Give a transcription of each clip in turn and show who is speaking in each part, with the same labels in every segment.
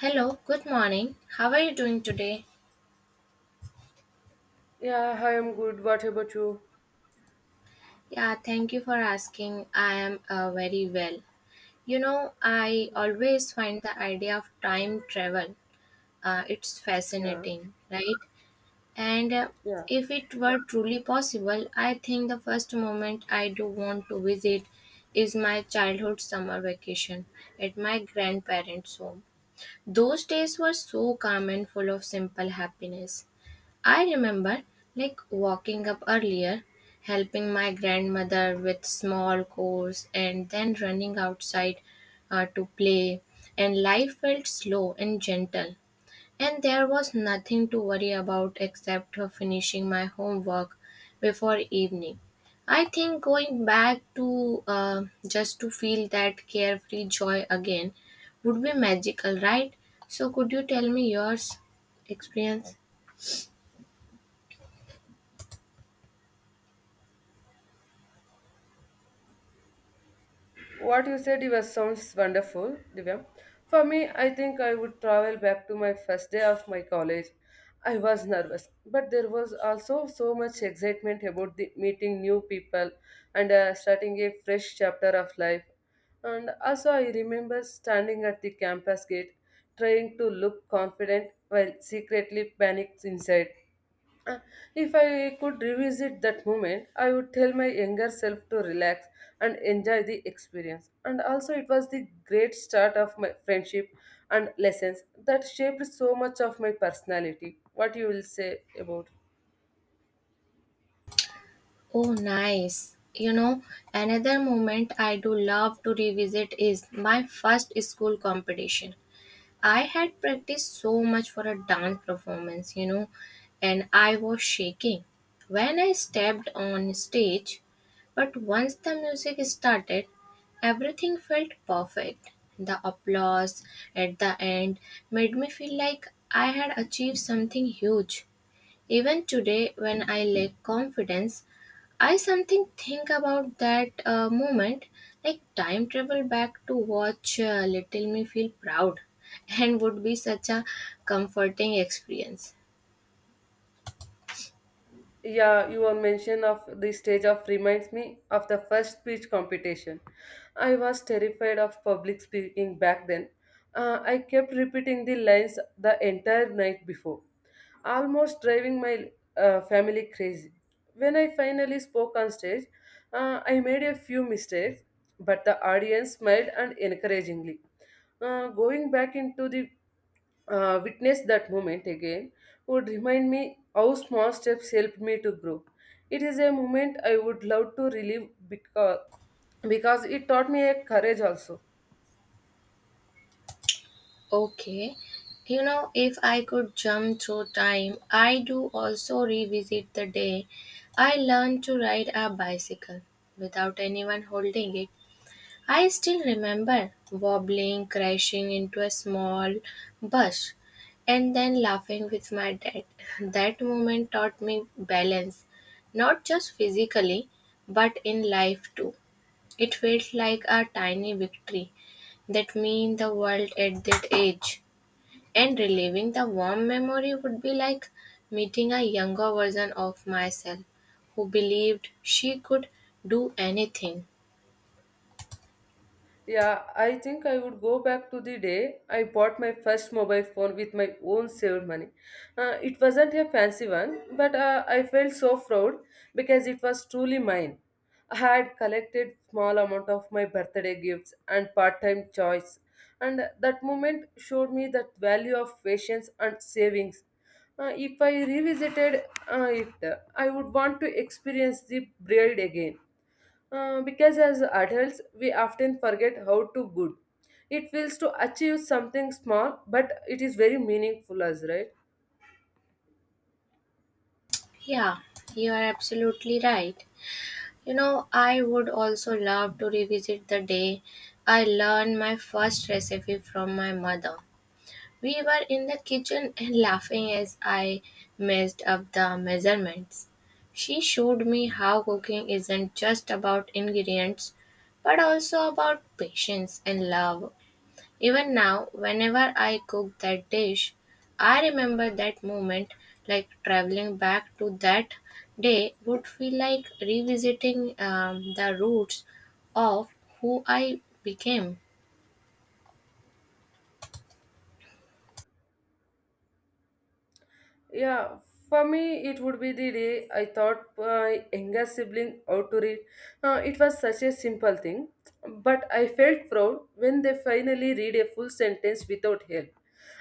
Speaker 1: Hello, good morning. How are you doing today?
Speaker 2: Yeah, I am good. What about you?
Speaker 1: Yeah, thank you for asking. I am very well. You know, I always find the idea of time travel it's
Speaker 2: Yeah,
Speaker 1: fascinating, right? And
Speaker 2: yeah.
Speaker 1: If it were truly possible, I think the first moment I do want to visit is my childhood summer vacation at my grandparents' home. Those days were so calm and full of simple happiness. I remember like walking up earlier, helping my grandmother with small chores, and then running outside to play. And life felt slow and gentle. And there was nothing to worry about except for finishing my homework before evening. I think going back to just to feel that carefree joy again would be magical, right? So, could you tell me yours experience?
Speaker 2: What you said it was sounds wonderful, Divya. For me, I think I would travel back to my first day of my college. I was nervous, but there was also so much excitement about the meeting new people and starting a fresh chapter of life. And also, I remember standing at the campus gate, trying to look confident while secretly panicked inside. Uh, If I could revisit that moment, I would tell my younger self to relax and enjoy the experience. And also, it was the great start of my friendship and lessons that shaped so much of my personality. What you will say about?
Speaker 1: Oh, nice. You know, another moment I do love to revisit is my first school competition. I had practiced so much for a dance performance, you know, and I was shaking when I stepped on stage. But once the music started, everything felt perfect. The applause at the end made me feel like I had achieved something huge. Even today, when I lack confidence, I something think about that moment, like time travel back to watch Little Me feel proud, and would be such a comforting experience.
Speaker 2: Yeah, your mention of the stage of reminds me of the first speech competition. I was terrified of public speaking back then. I kept repeating the lines the entire night before, almost driving my family crazy. When I finally spoke on stage, I made a few mistakes, but the audience smiled and encouragingly. Going back into the witness that moment again would remind me how small steps helped me to grow. It is a moment I would love to relive because it taught me a courage also.
Speaker 1: Okay, you know if I could jump through time, I do also revisit the day I learned to ride a bicycle without anyone holding it. I still remember wobbling, crashing into a small bush, and then laughing with my dad. That moment taught me balance, not just physically, but in life too. It felt like a tiny victory that mean the world at that age. And reliving the warm memory would be like meeting a younger version of myself who believed she could do anything.
Speaker 2: Yeah, I think I would go back to the day I bought my first mobile phone with my own saved money. It wasn't a fancy one, but I felt so proud because it was truly mine. I had collected small amount of my birthday gifts and part-time choice, and that moment showed me that value of patience and savings. If I revisited it, I would want to experience the braid again because as adults, we often forget how to good. It feels to achieve something small, but it is very meaningful, as right.
Speaker 1: Yeah, you are absolutely right. You know, I would also love to revisit the day I learned my first recipe from my mother. We were in the kitchen and laughing as I messed up the measurements. She showed me how cooking isn't just about ingredients, but also about patience and love even now, whenever I cook that dish, I remember that moment like traveling back to that day would feel like revisiting the roots of who I became.
Speaker 2: Yeah, for me, it would be the day I taught my younger sibling how to read. It was such a simple thing, but I felt proud when they finally read a full sentence without help.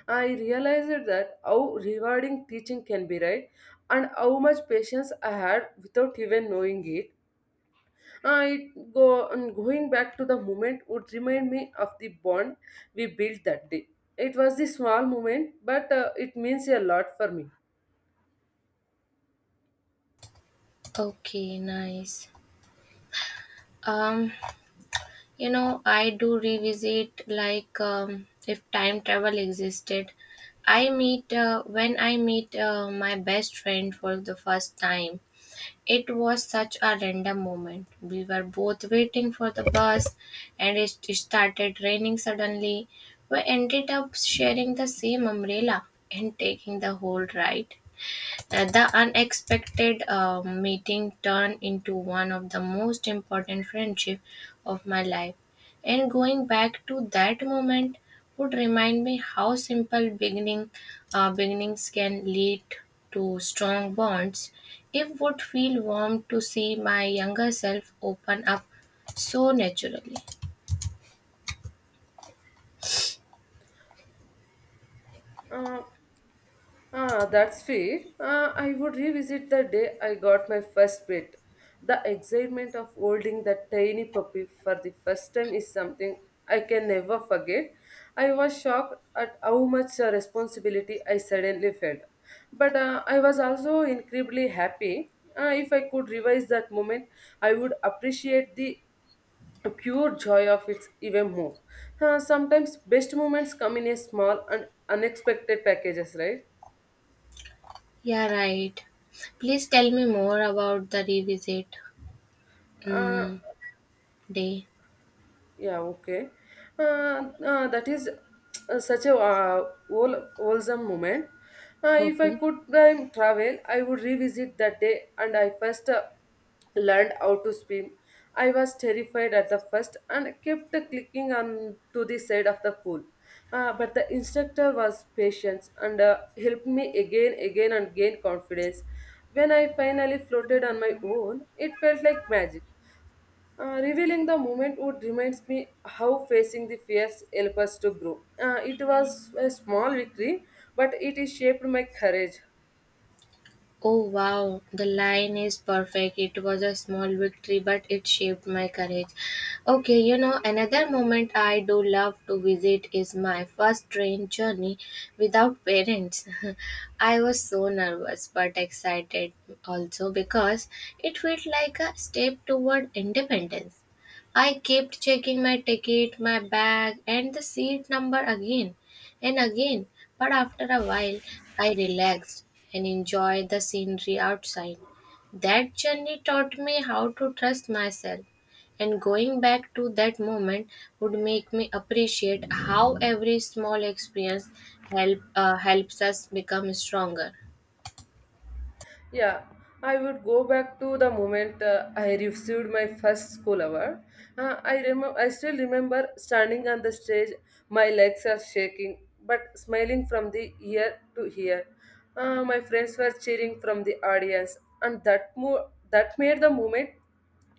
Speaker 2: I realized that how rewarding teaching can be, right? And how much patience I had without even knowing it. It go and going back to the moment would remind me of the bond we built that day. It was the small moment, but it means a lot for me.
Speaker 1: Okay, nice. Um, you know, I do revisit like if time travel existed. I meet when I meet my best friend for the first time. It was such a random moment. We were both waiting for the bus and it started raining suddenly. We ended up sharing the same umbrella and taking the whole ride. The unexpected meeting turned into one of the most important friendships of my life, and going back to that moment would remind me how simple beginning beginnings can lead to strong bonds. It would feel warm to see my younger self open up so naturally.
Speaker 2: Uh, that's sweet. I would revisit the day I got my first pet. The excitement of holding that tiny puppy for the first time is something I can never forget. I was shocked at how much responsibility I suddenly felt. But I was also incredibly happy. If I could revise that moment, I would appreciate the pure joy of it even more. Sometimes best moments come in a small and unexpected packages, right?
Speaker 1: Yeah, right. Please tell me more about the revisit
Speaker 2: Uh,
Speaker 1: mm, day.
Speaker 2: Yeah, okay. That is such a wholesome moment. If I
Speaker 1: Okay.
Speaker 2: could time travel, I would revisit that day and I first learned how to swim. I was terrified at the first and kept clicking on to the side of the pool. But the instructor was patient and helped me again, again, and gain confidence. When I finally floated on my own, it felt like magic. Revealing the moment would reminds me how facing the fears help us to grow. It was a small victory, but it is shaped my courage.
Speaker 1: Oh wow, the line is perfect. It was a small victory, but it shaped my courage. Okay, you know, another moment I do love to visit is my first train journey without parents. I was so nervous but excited also because it felt like a step toward independence. I kept checking my ticket, my bag, and the seat number again and again. But after a while, I relaxed and enjoyed the scenery outside. That journey taught me how to trust myself, and going back to that moment would make me appreciate how every small experience helps us become stronger.
Speaker 2: Yeah, I would go back to the moment I received my first school award. I still remember standing on the stage. My legs are shaking, but smiling from the ear to ear. My friends were cheering from the audience, and that made the moment.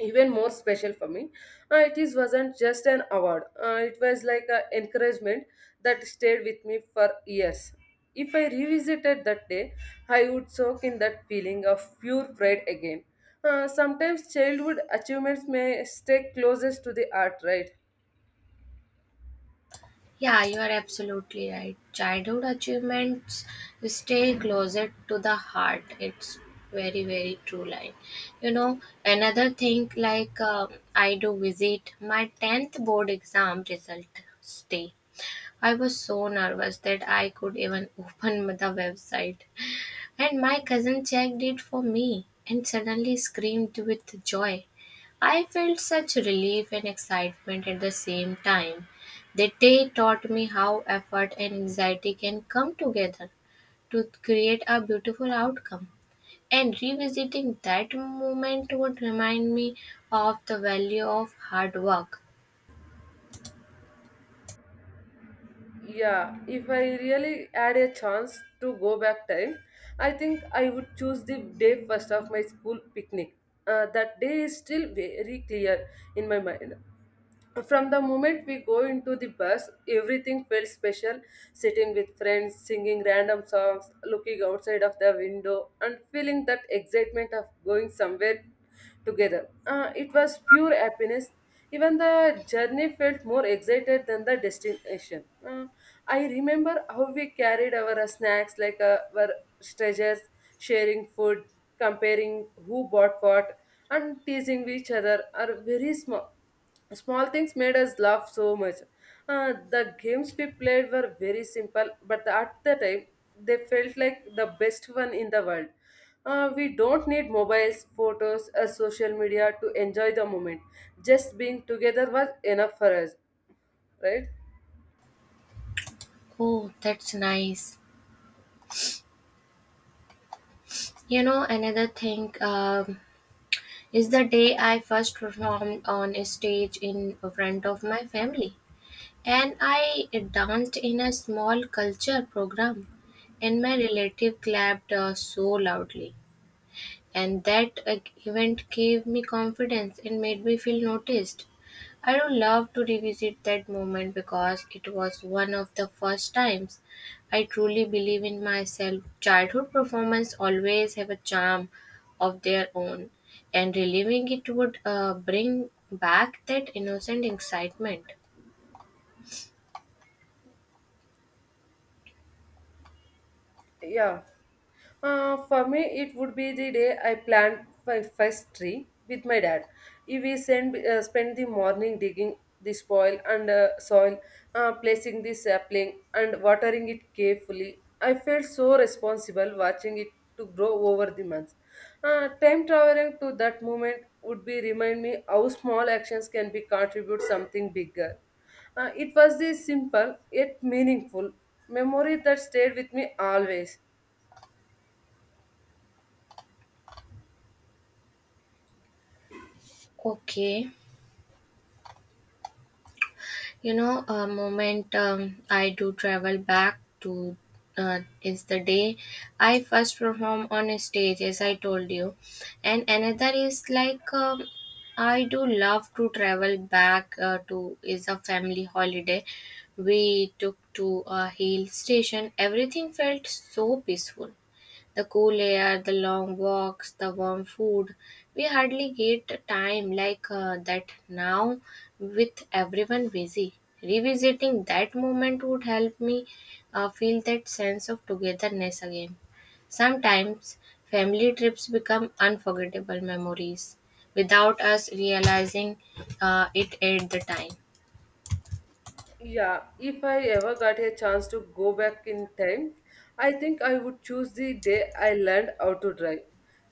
Speaker 2: Even more special for me. It is wasn't just an award. It was like an encouragement that stayed with me for years. If I revisited that day, I would soak in that feeling of pure pride again. Sometimes childhood achievements may stay closest to the art, right?
Speaker 1: Yeah, you are absolutely right. Childhood achievements stay closer to the heart. It's very, very true line. You know, another thing like I do visit my tenth board exam result day. I was so nervous that I could even open the website. And my cousin checked it for me and suddenly screamed with joy. I felt such relief and excitement at the same time. The day taught me how effort and anxiety can come together to create a beautiful outcome. And revisiting that moment would remind me of the value of hard work.
Speaker 2: Yeah, if I really had a chance to go back time, I think I would choose the day first of my school picnic. That day is still very clear in my mind. From the moment we go into the bus, everything felt special. Sitting with friends, singing random songs, looking outside of the window, and feeling that excitement of going somewhere together. It was pure happiness. Even the journey felt more excited than the destination. I remember how we carried our snacks like our treasures, sharing food, comparing who bought what, and teasing each other are very small. Small things made us laugh so much. The games we played were very simple, but at the time, they felt like the best one in the world. We don't need mobiles, photos, or social media to enjoy the moment. Just being together was enough for us, right?
Speaker 1: Oh, that's nice. You know, another thing. Is the day I first performed on a stage in front of my family. And I danced in a small culture program, and my relative clapped so loudly. And that event gave me confidence and made me feel noticed. I would love to revisit that moment because it was one of the first times I truly believe in myself. Childhood performance always have a charm of their own, and reliving it would bring back that innocent excitement.
Speaker 2: Yeah. For me, it would be the day I planned my first tree with my dad. If We send, spend the morning digging the spoil and soil, placing the sapling and watering it carefully. I felt so responsible watching it to grow over the months. Time traveling to that moment would be remind me how small actions can be contribute something bigger. It was this simple yet meaningful memory that stayed with me always.
Speaker 1: Okay. You know, a moment I do travel back to is the day I first perform on a stage, as I told you, and another is like I do love to travel back to is a family holiday. We took to a hill station. Everything felt so peaceful the cool air, the long walks, the warm food. We hardly get time like that now with everyone busy. Revisiting that moment would help me feel that sense of togetherness again. Sometimes family trips become unforgettable memories without us realizing it at the time.
Speaker 2: Yeah, if I ever got a chance to go back in time, I think I would choose the day I learned how to drive.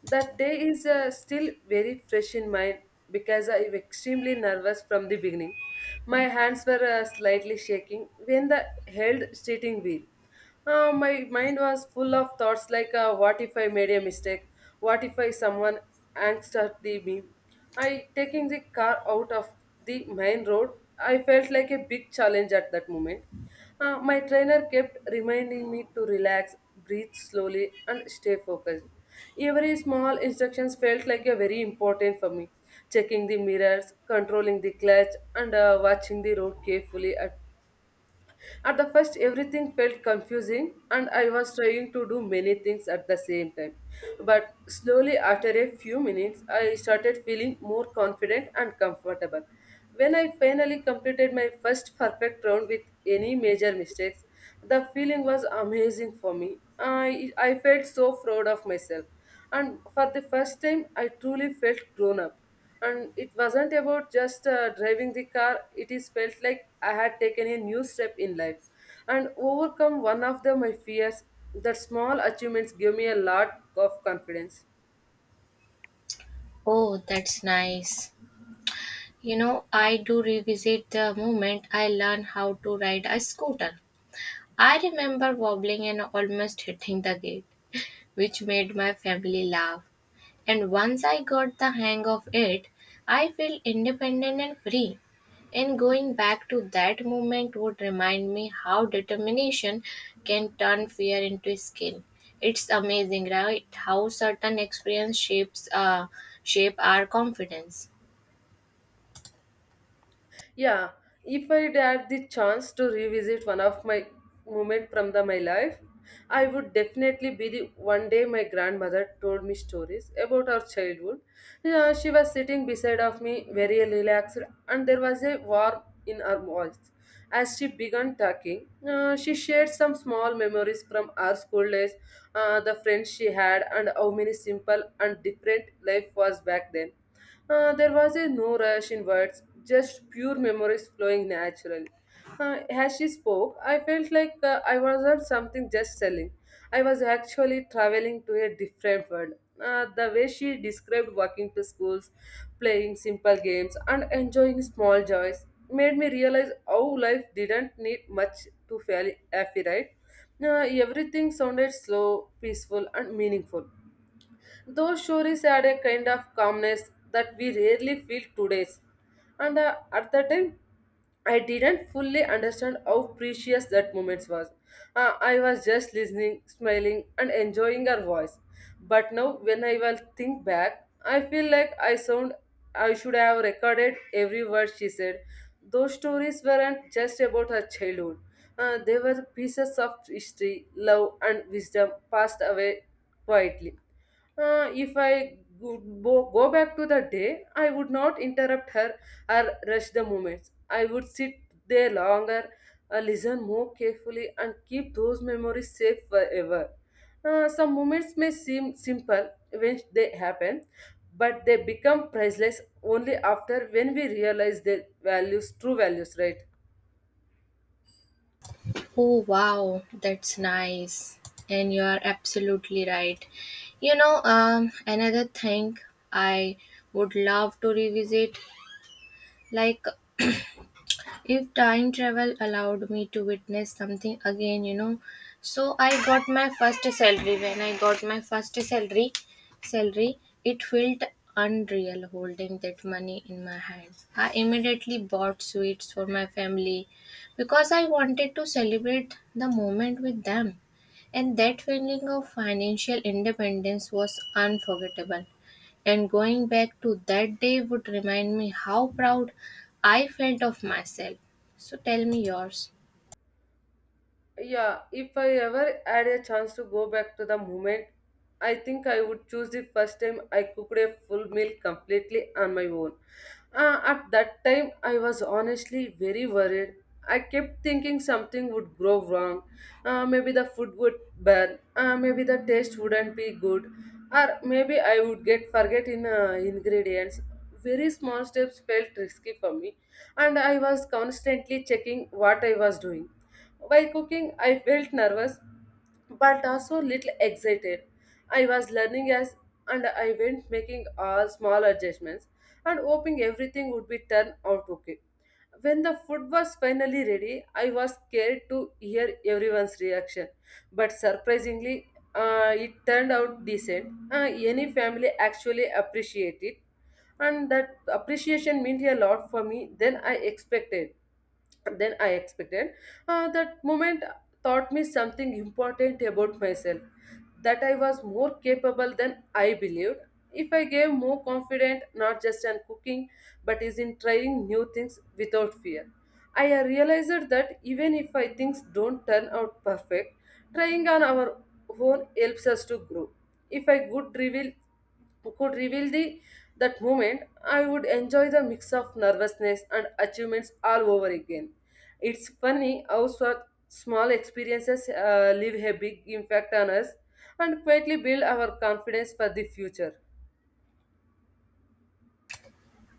Speaker 2: That day is still very fresh in mind because I was extremely nervous from the beginning. My hands were slightly shaking when the held steering wheel, my mind was full of thoughts like, what if I made a mistake? What if I someone angsted me? I taking the car out of the main road. I felt like a big challenge at that moment. My trainer kept reminding me to relax, breathe slowly, and stay focused. Every small instructions felt like a very important for me. Checking the mirrors, controlling the clutch, and watching the road carefully at the first, everything felt confusing, and I was trying to do many things at the same time. But slowly, after a few minutes, I started feeling more confident and comfortable. When I finally completed my first perfect round with any major mistakes, the feeling was amazing for me. I felt so proud of myself, and for the first time, I truly felt grown up, and it wasn't about just driving the car. It is felt like I had taken a new step in life and overcome one of the my fears. That small achievements gave me a lot of confidence.
Speaker 1: Oh, that's nice. You know, I do revisit the moment I learned how to ride a scooter. I remember wobbling and almost hitting the gate, which made my family laugh. And once I got the hang of it, I felt independent and free. And going back to that moment would remind me how determination can turn fear into skill. It's amazing, right? How certain experience shapes shape our confidence.
Speaker 2: Yeah, if I had the chance to revisit one of my moment from the my life, I would definitely be the one day my grandmother told me stories about her childhood. Yeah, she was sitting beside of me, very relaxed, and there was a warmth in her voice. As she began talking, she shared some small memories from our school days, the friends she had, and how many simple and different life was back then. There was a no rush in words, just pure memories flowing naturally. As she spoke, I felt like I wasn't something just selling. I was actually traveling to a different world. The way she described walking to schools, playing simple games, and enjoying small joys made me realize how life didn't need much to feel happy, right? Everything sounded slow, peaceful, and meaningful. Those stories had a kind of calmness that we rarely feel today. And at the time, I didn't fully understand how precious that moment was. I was just listening, smiling, and enjoying her voice. But now, when I will think back, I feel like I should have recorded every word she said. Those stories weren't just about her childhood. They were pieces of history, love, and wisdom passed away quietly. If I would go back to the day, I would not interrupt her or rush the moments. I would sit there longer, listen more carefully, and keep those memories safe forever. Some moments may seem simple when they happen, but they become priceless only after when we realize their values, true values, right?
Speaker 1: Oh wow, that's nice. And you are absolutely right. You know, another thing I would love to revisit, like if time travel allowed me to witness something again, you know, so I got my first salary when I got my first salary salary It felt unreal holding that money in my hands. I immediately bought sweets for my family because I wanted to celebrate the moment with them, and that feeling of financial independence was unforgettable. And going back to that day would remind me how proud I felt of myself. So tell me yours.
Speaker 2: Yeah, if I ever had a chance to go back to the moment, I think I would choose the first time I cooked a full meal completely on my own. At that time, I was honestly very worried. I kept thinking something would go wrong. Maybe the food would burn. Maybe the taste wouldn't be good. Or maybe I would get forget in ingredients. Very small steps felt risky for me, and I was constantly checking what I was doing. While cooking, I felt nervous but also little excited. I was learning as and I went making all small adjustments and hoping everything would be turned out okay. When the food was finally ready, I was scared to hear everyone's reaction, but surprisingly, it turned out decent. Any family actually appreciated it, and that appreciation meant a lot for me than I expected then I expected. That moment taught me something important about myself that I was more capable than I believed. If I gave more confident, not just in cooking, but is in trying new things without fear. I realized that even if I things don't turn out perfect, trying on our own helps us to grow. If I could reveal the that moment, I would enjoy the mix of nervousness and achievements all over again. It's funny how so small experiences leave a big impact on us and quietly build our confidence for the future.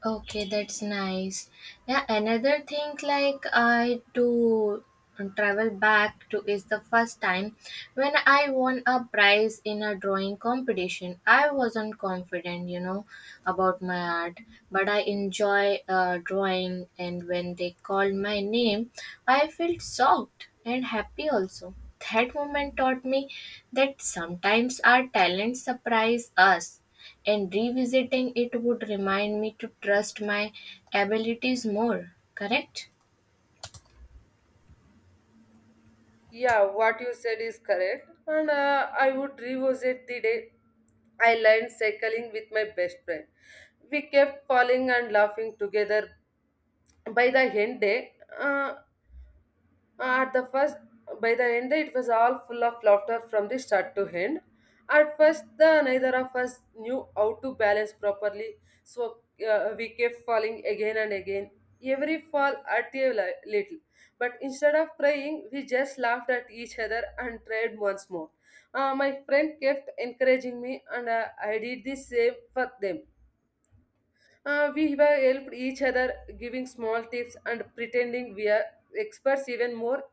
Speaker 1: Okay, that's nice. Yeah, another thing like I do travel back to is the first time when I won a prize in a drawing competition. I wasn't confident, you know, about my art, but I enjoy drawing and when they called my name, I felt shocked and happy also. That moment taught me that sometimes our talents surprise us and revisiting it would remind me to trust my abilities more, correct?
Speaker 2: Yeah, what you said is correct, and I would revisit the day I learned cycling with my best friend. We kept falling and laughing together. By the end day, at the first, by the end, it was all full of laughter from the start to end. At first, the neither of us knew how to balance properly, so we kept falling again and again. Every fall hurt a little, but instead of crying, we just laughed at each other and tried once more. My friend kept encouraging me, and I did the same for them. We have helped each other, giving small tips and pretending we are experts even more.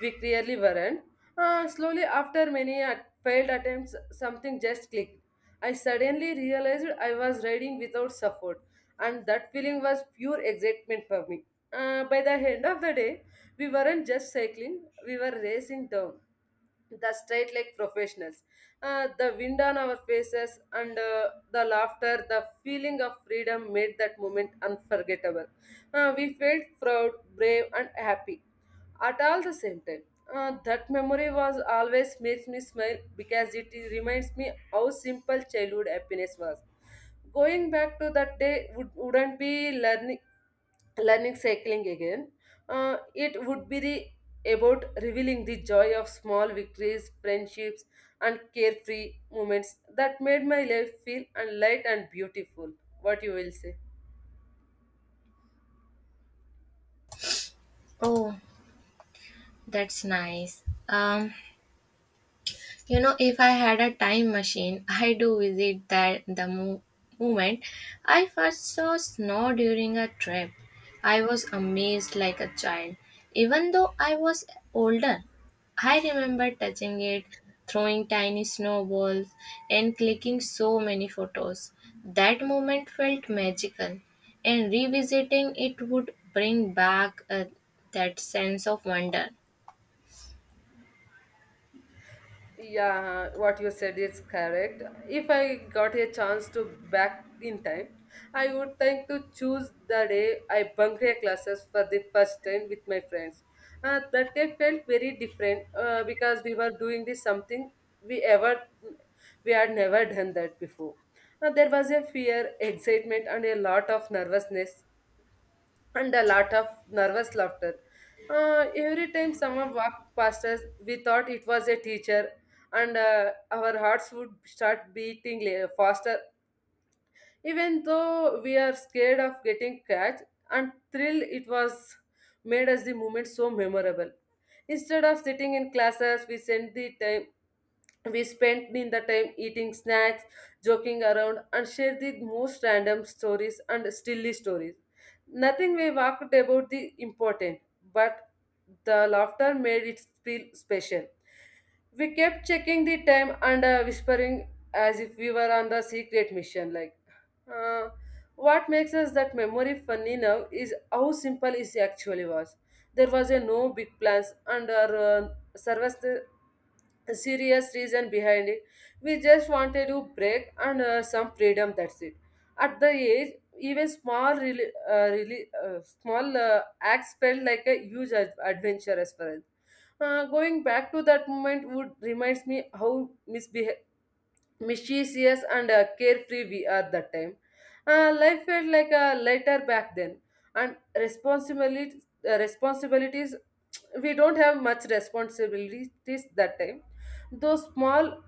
Speaker 2: We clearly weren't. Slowly, after many failed attempts, something just clicked. I suddenly realized I was riding without support, and that feeling was pure excitement for me. By the end of the day, we weren't just cycling, we were racing down the straight like professionals. The wind on our faces and the laughter, the feeling of freedom made that moment unforgettable. We felt proud, brave, and happy at all the same time. That memory was always makes me smile because it reminds me how simple childhood happiness was. Going back to that day would, wouldn't be learning cycling again. It would be the, about revealing the joy of small victories, friendships, and carefree moments that made my life feel and light and beautiful. What you will say?
Speaker 1: Oh, that's nice. You know, if I had a time machine, I do visit moment I first saw snow during a trip. I was amazed like a child, even though I was older. I remember touching it, throwing tiny snowballs, and clicking so many photos. That moment felt magical, and revisiting it would bring back that sense of wonder.
Speaker 2: Yeah, what you said is correct. If I got a chance to back in time, I would think to choose the day I bunked a classes for the first time with my friends. That day felt very different because we were doing this something we ever we had never done that before. There was a fear, excitement, and a lot of nervousness and a lot of nervous laughter. Every time someone walked past us, we thought it was a teacher, and our hearts would start beating faster. Even though we are scared of getting catch and thrilled, it was made us the moment so memorable. Instead of sitting in classes, we spent the time we spent in the time eating snacks, joking around, and shared the most random stories and silly stories. Nothing we talked about the important, but the laughter made it feel special. We kept checking the time and whispering as if we were on the secret mission. Like, uh, what makes us that memory funny now is how simple it actually was. There was a no big plans and our service a serious reason behind it. We just wanted to break and some freedom. That's it. At the age, even small, really, really small acts felt like a huge adventure as far as. Going back to that moment would reminds me how misbeh mischievous and carefree we are that time. Life felt like a lighter back then, and responsibilities we don't have much responsibilities that time. Those small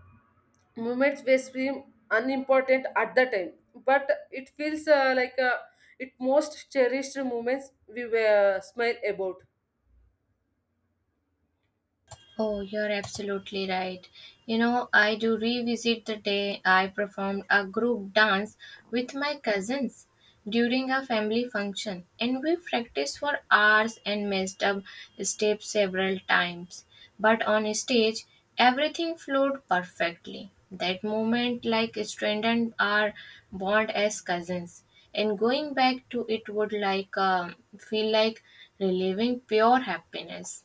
Speaker 2: moments may seem unimportant at the time, but it feels like it most cherished moments we were smile about.
Speaker 1: Oh, you're absolutely right. You know, I do revisit the day I performed a group dance with my cousins during a family function, and we practiced for hours and messed up steps several times. But on stage, everything flowed perfectly. That moment, like, strengthened our bond as cousins. And going back to it would like feel like reliving pure happiness.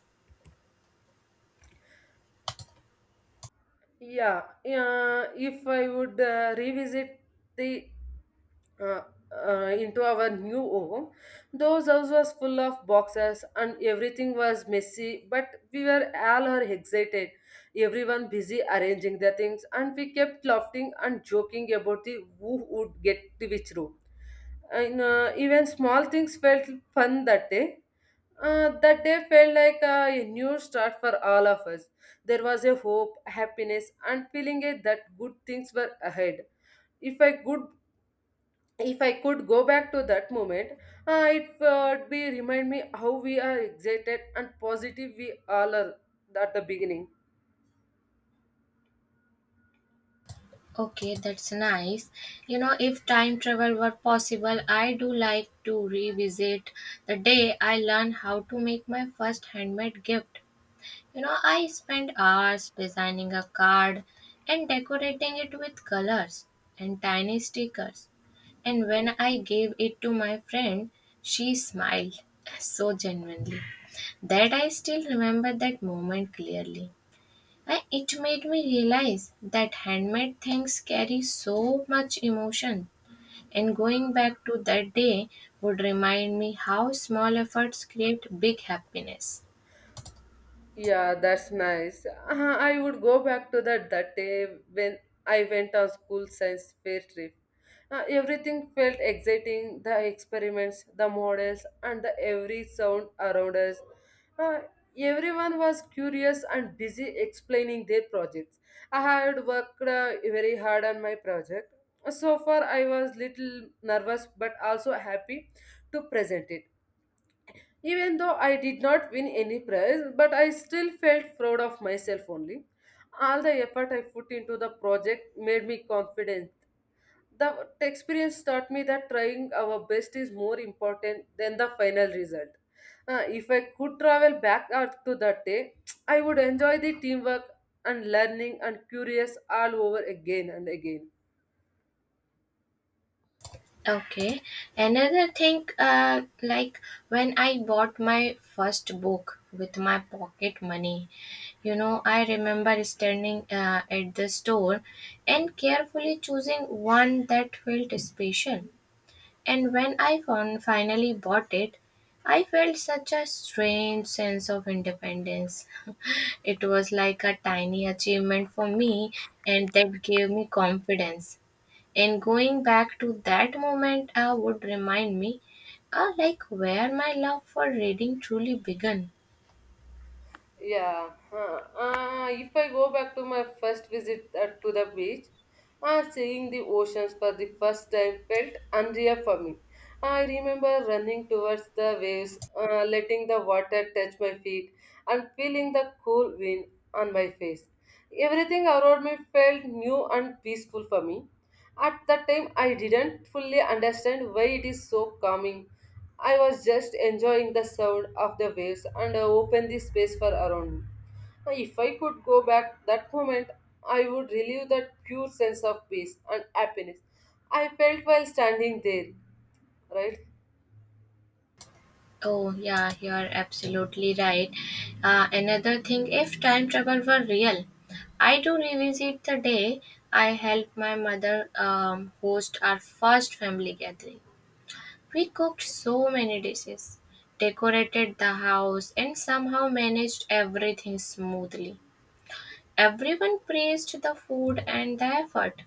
Speaker 2: Yeah, yeah. If I would revisit the uh, into our new home. Those house was full of boxes and everything was messy, but we were all are excited. Everyone busy arranging their things, and we kept laughing and joking about the who would get to which room. And even small things felt fun that day. That day felt like a new start for all of us. There was a hope, happiness, and feeling that good things were ahead if I could go back to that moment, it would be remind me how we are excited and positive we all are at the beginning.
Speaker 1: Okay, that's nice. You know, if time travel were possible, I do like to revisit the day I learned how to make my first handmade gift. You know, I spent hours designing a card and decorating it with colors and tiny stickers. And when I gave it to my friend, she smiled so genuinely that I still remember that moment clearly. And it made me realize that handmade things carry so much emotion, and going back to that day would remind me how small efforts create big happiness.
Speaker 2: Yeah, that's nice. I would go back to that day when I went on school science fair trip. Everything felt exciting, the experiments, the models, and the every sound around us. Uh, Everyone was curious and busy explaining their projects. I had worked very hard on my project. So far, I was little nervous but also happy to present it even though I did not win any prize, but I still felt proud of myself only. All the effort I put into the project made me confident. The experience taught me that trying our best is more important than the final result. If I could travel back out to that day, I would enjoy the teamwork and learning and curious all over again and again.
Speaker 1: Okay, another thing, like when I bought my first book with my pocket money, you know, I remember standing at the store and carefully choosing one that felt special. And when I finally bought it, I felt such a strange sense of independence. It was like a tiny achievement for me, and that gave me confidence. And going back to that moment would remind me like where my love for reading truly began.
Speaker 2: Yeah. Huh. If I go back to my first visit to the beach, seeing the oceans for the first time felt unreal for me. I remember running towards the waves, letting the water touch my feet, and feeling the cool wind on my face. Everything around me felt new and peaceful for me. At that time, I didn't fully understand why it is so calming I was just enjoying the sound of the waves and open the space for around me. Now, if I could go back that moment, I would relive that pure sense of peace and happiness I felt while standing there, right?
Speaker 1: Oh, yeah, you are absolutely right. Another thing, if time travel were real, I do revisit the day I helped my mother host our first family gathering. We cooked so many dishes, decorated the house, and somehow managed everything smoothly. Everyone praised the food and the effort,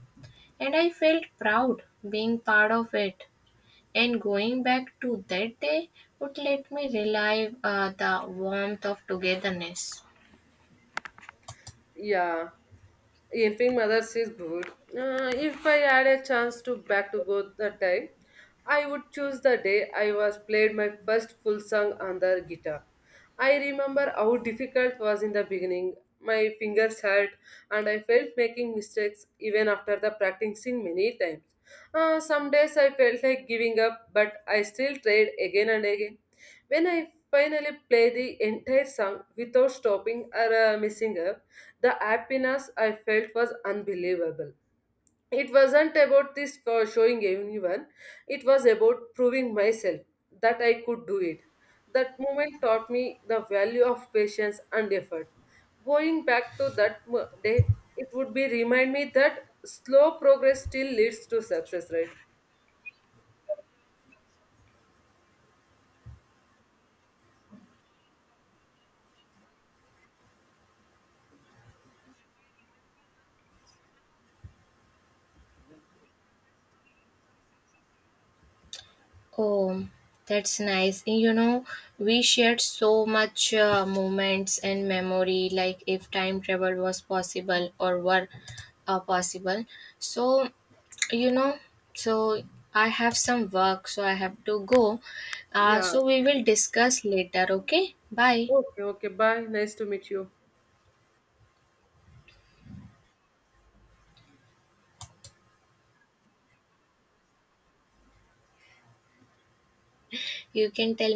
Speaker 1: and I felt proud being part of it. And going back to that day would let me relive the warmth of togetherness.
Speaker 2: Yeah. Helping mothers is good. If I had a chance to back to go that time, I would choose the day I was played my first full song on the guitar. I remember how difficult was in the beginning. My fingers hurt, and I felt making mistakes even after the practicing many times. Some days I felt like giving up, but I still tried again and again. When I finally play the entire song without stopping or missing up, the happiness I felt was unbelievable. It wasn't about this for showing anyone, it was about proving myself that I could do it. That moment taught me the value of patience and effort. Going back to that day, it would be remind me that slow progress still leads to success, right?
Speaker 1: Oh, that's nice. And you know, we shared so much moments and memory, like if time travel was possible or were possible. So, you know, so I have some work, so I have to go. Uh,
Speaker 2: Yeah.
Speaker 1: so we will discuss later, okay? Bye.
Speaker 2: Okay, okay, bye. Nice to meet you.
Speaker 1: You can tell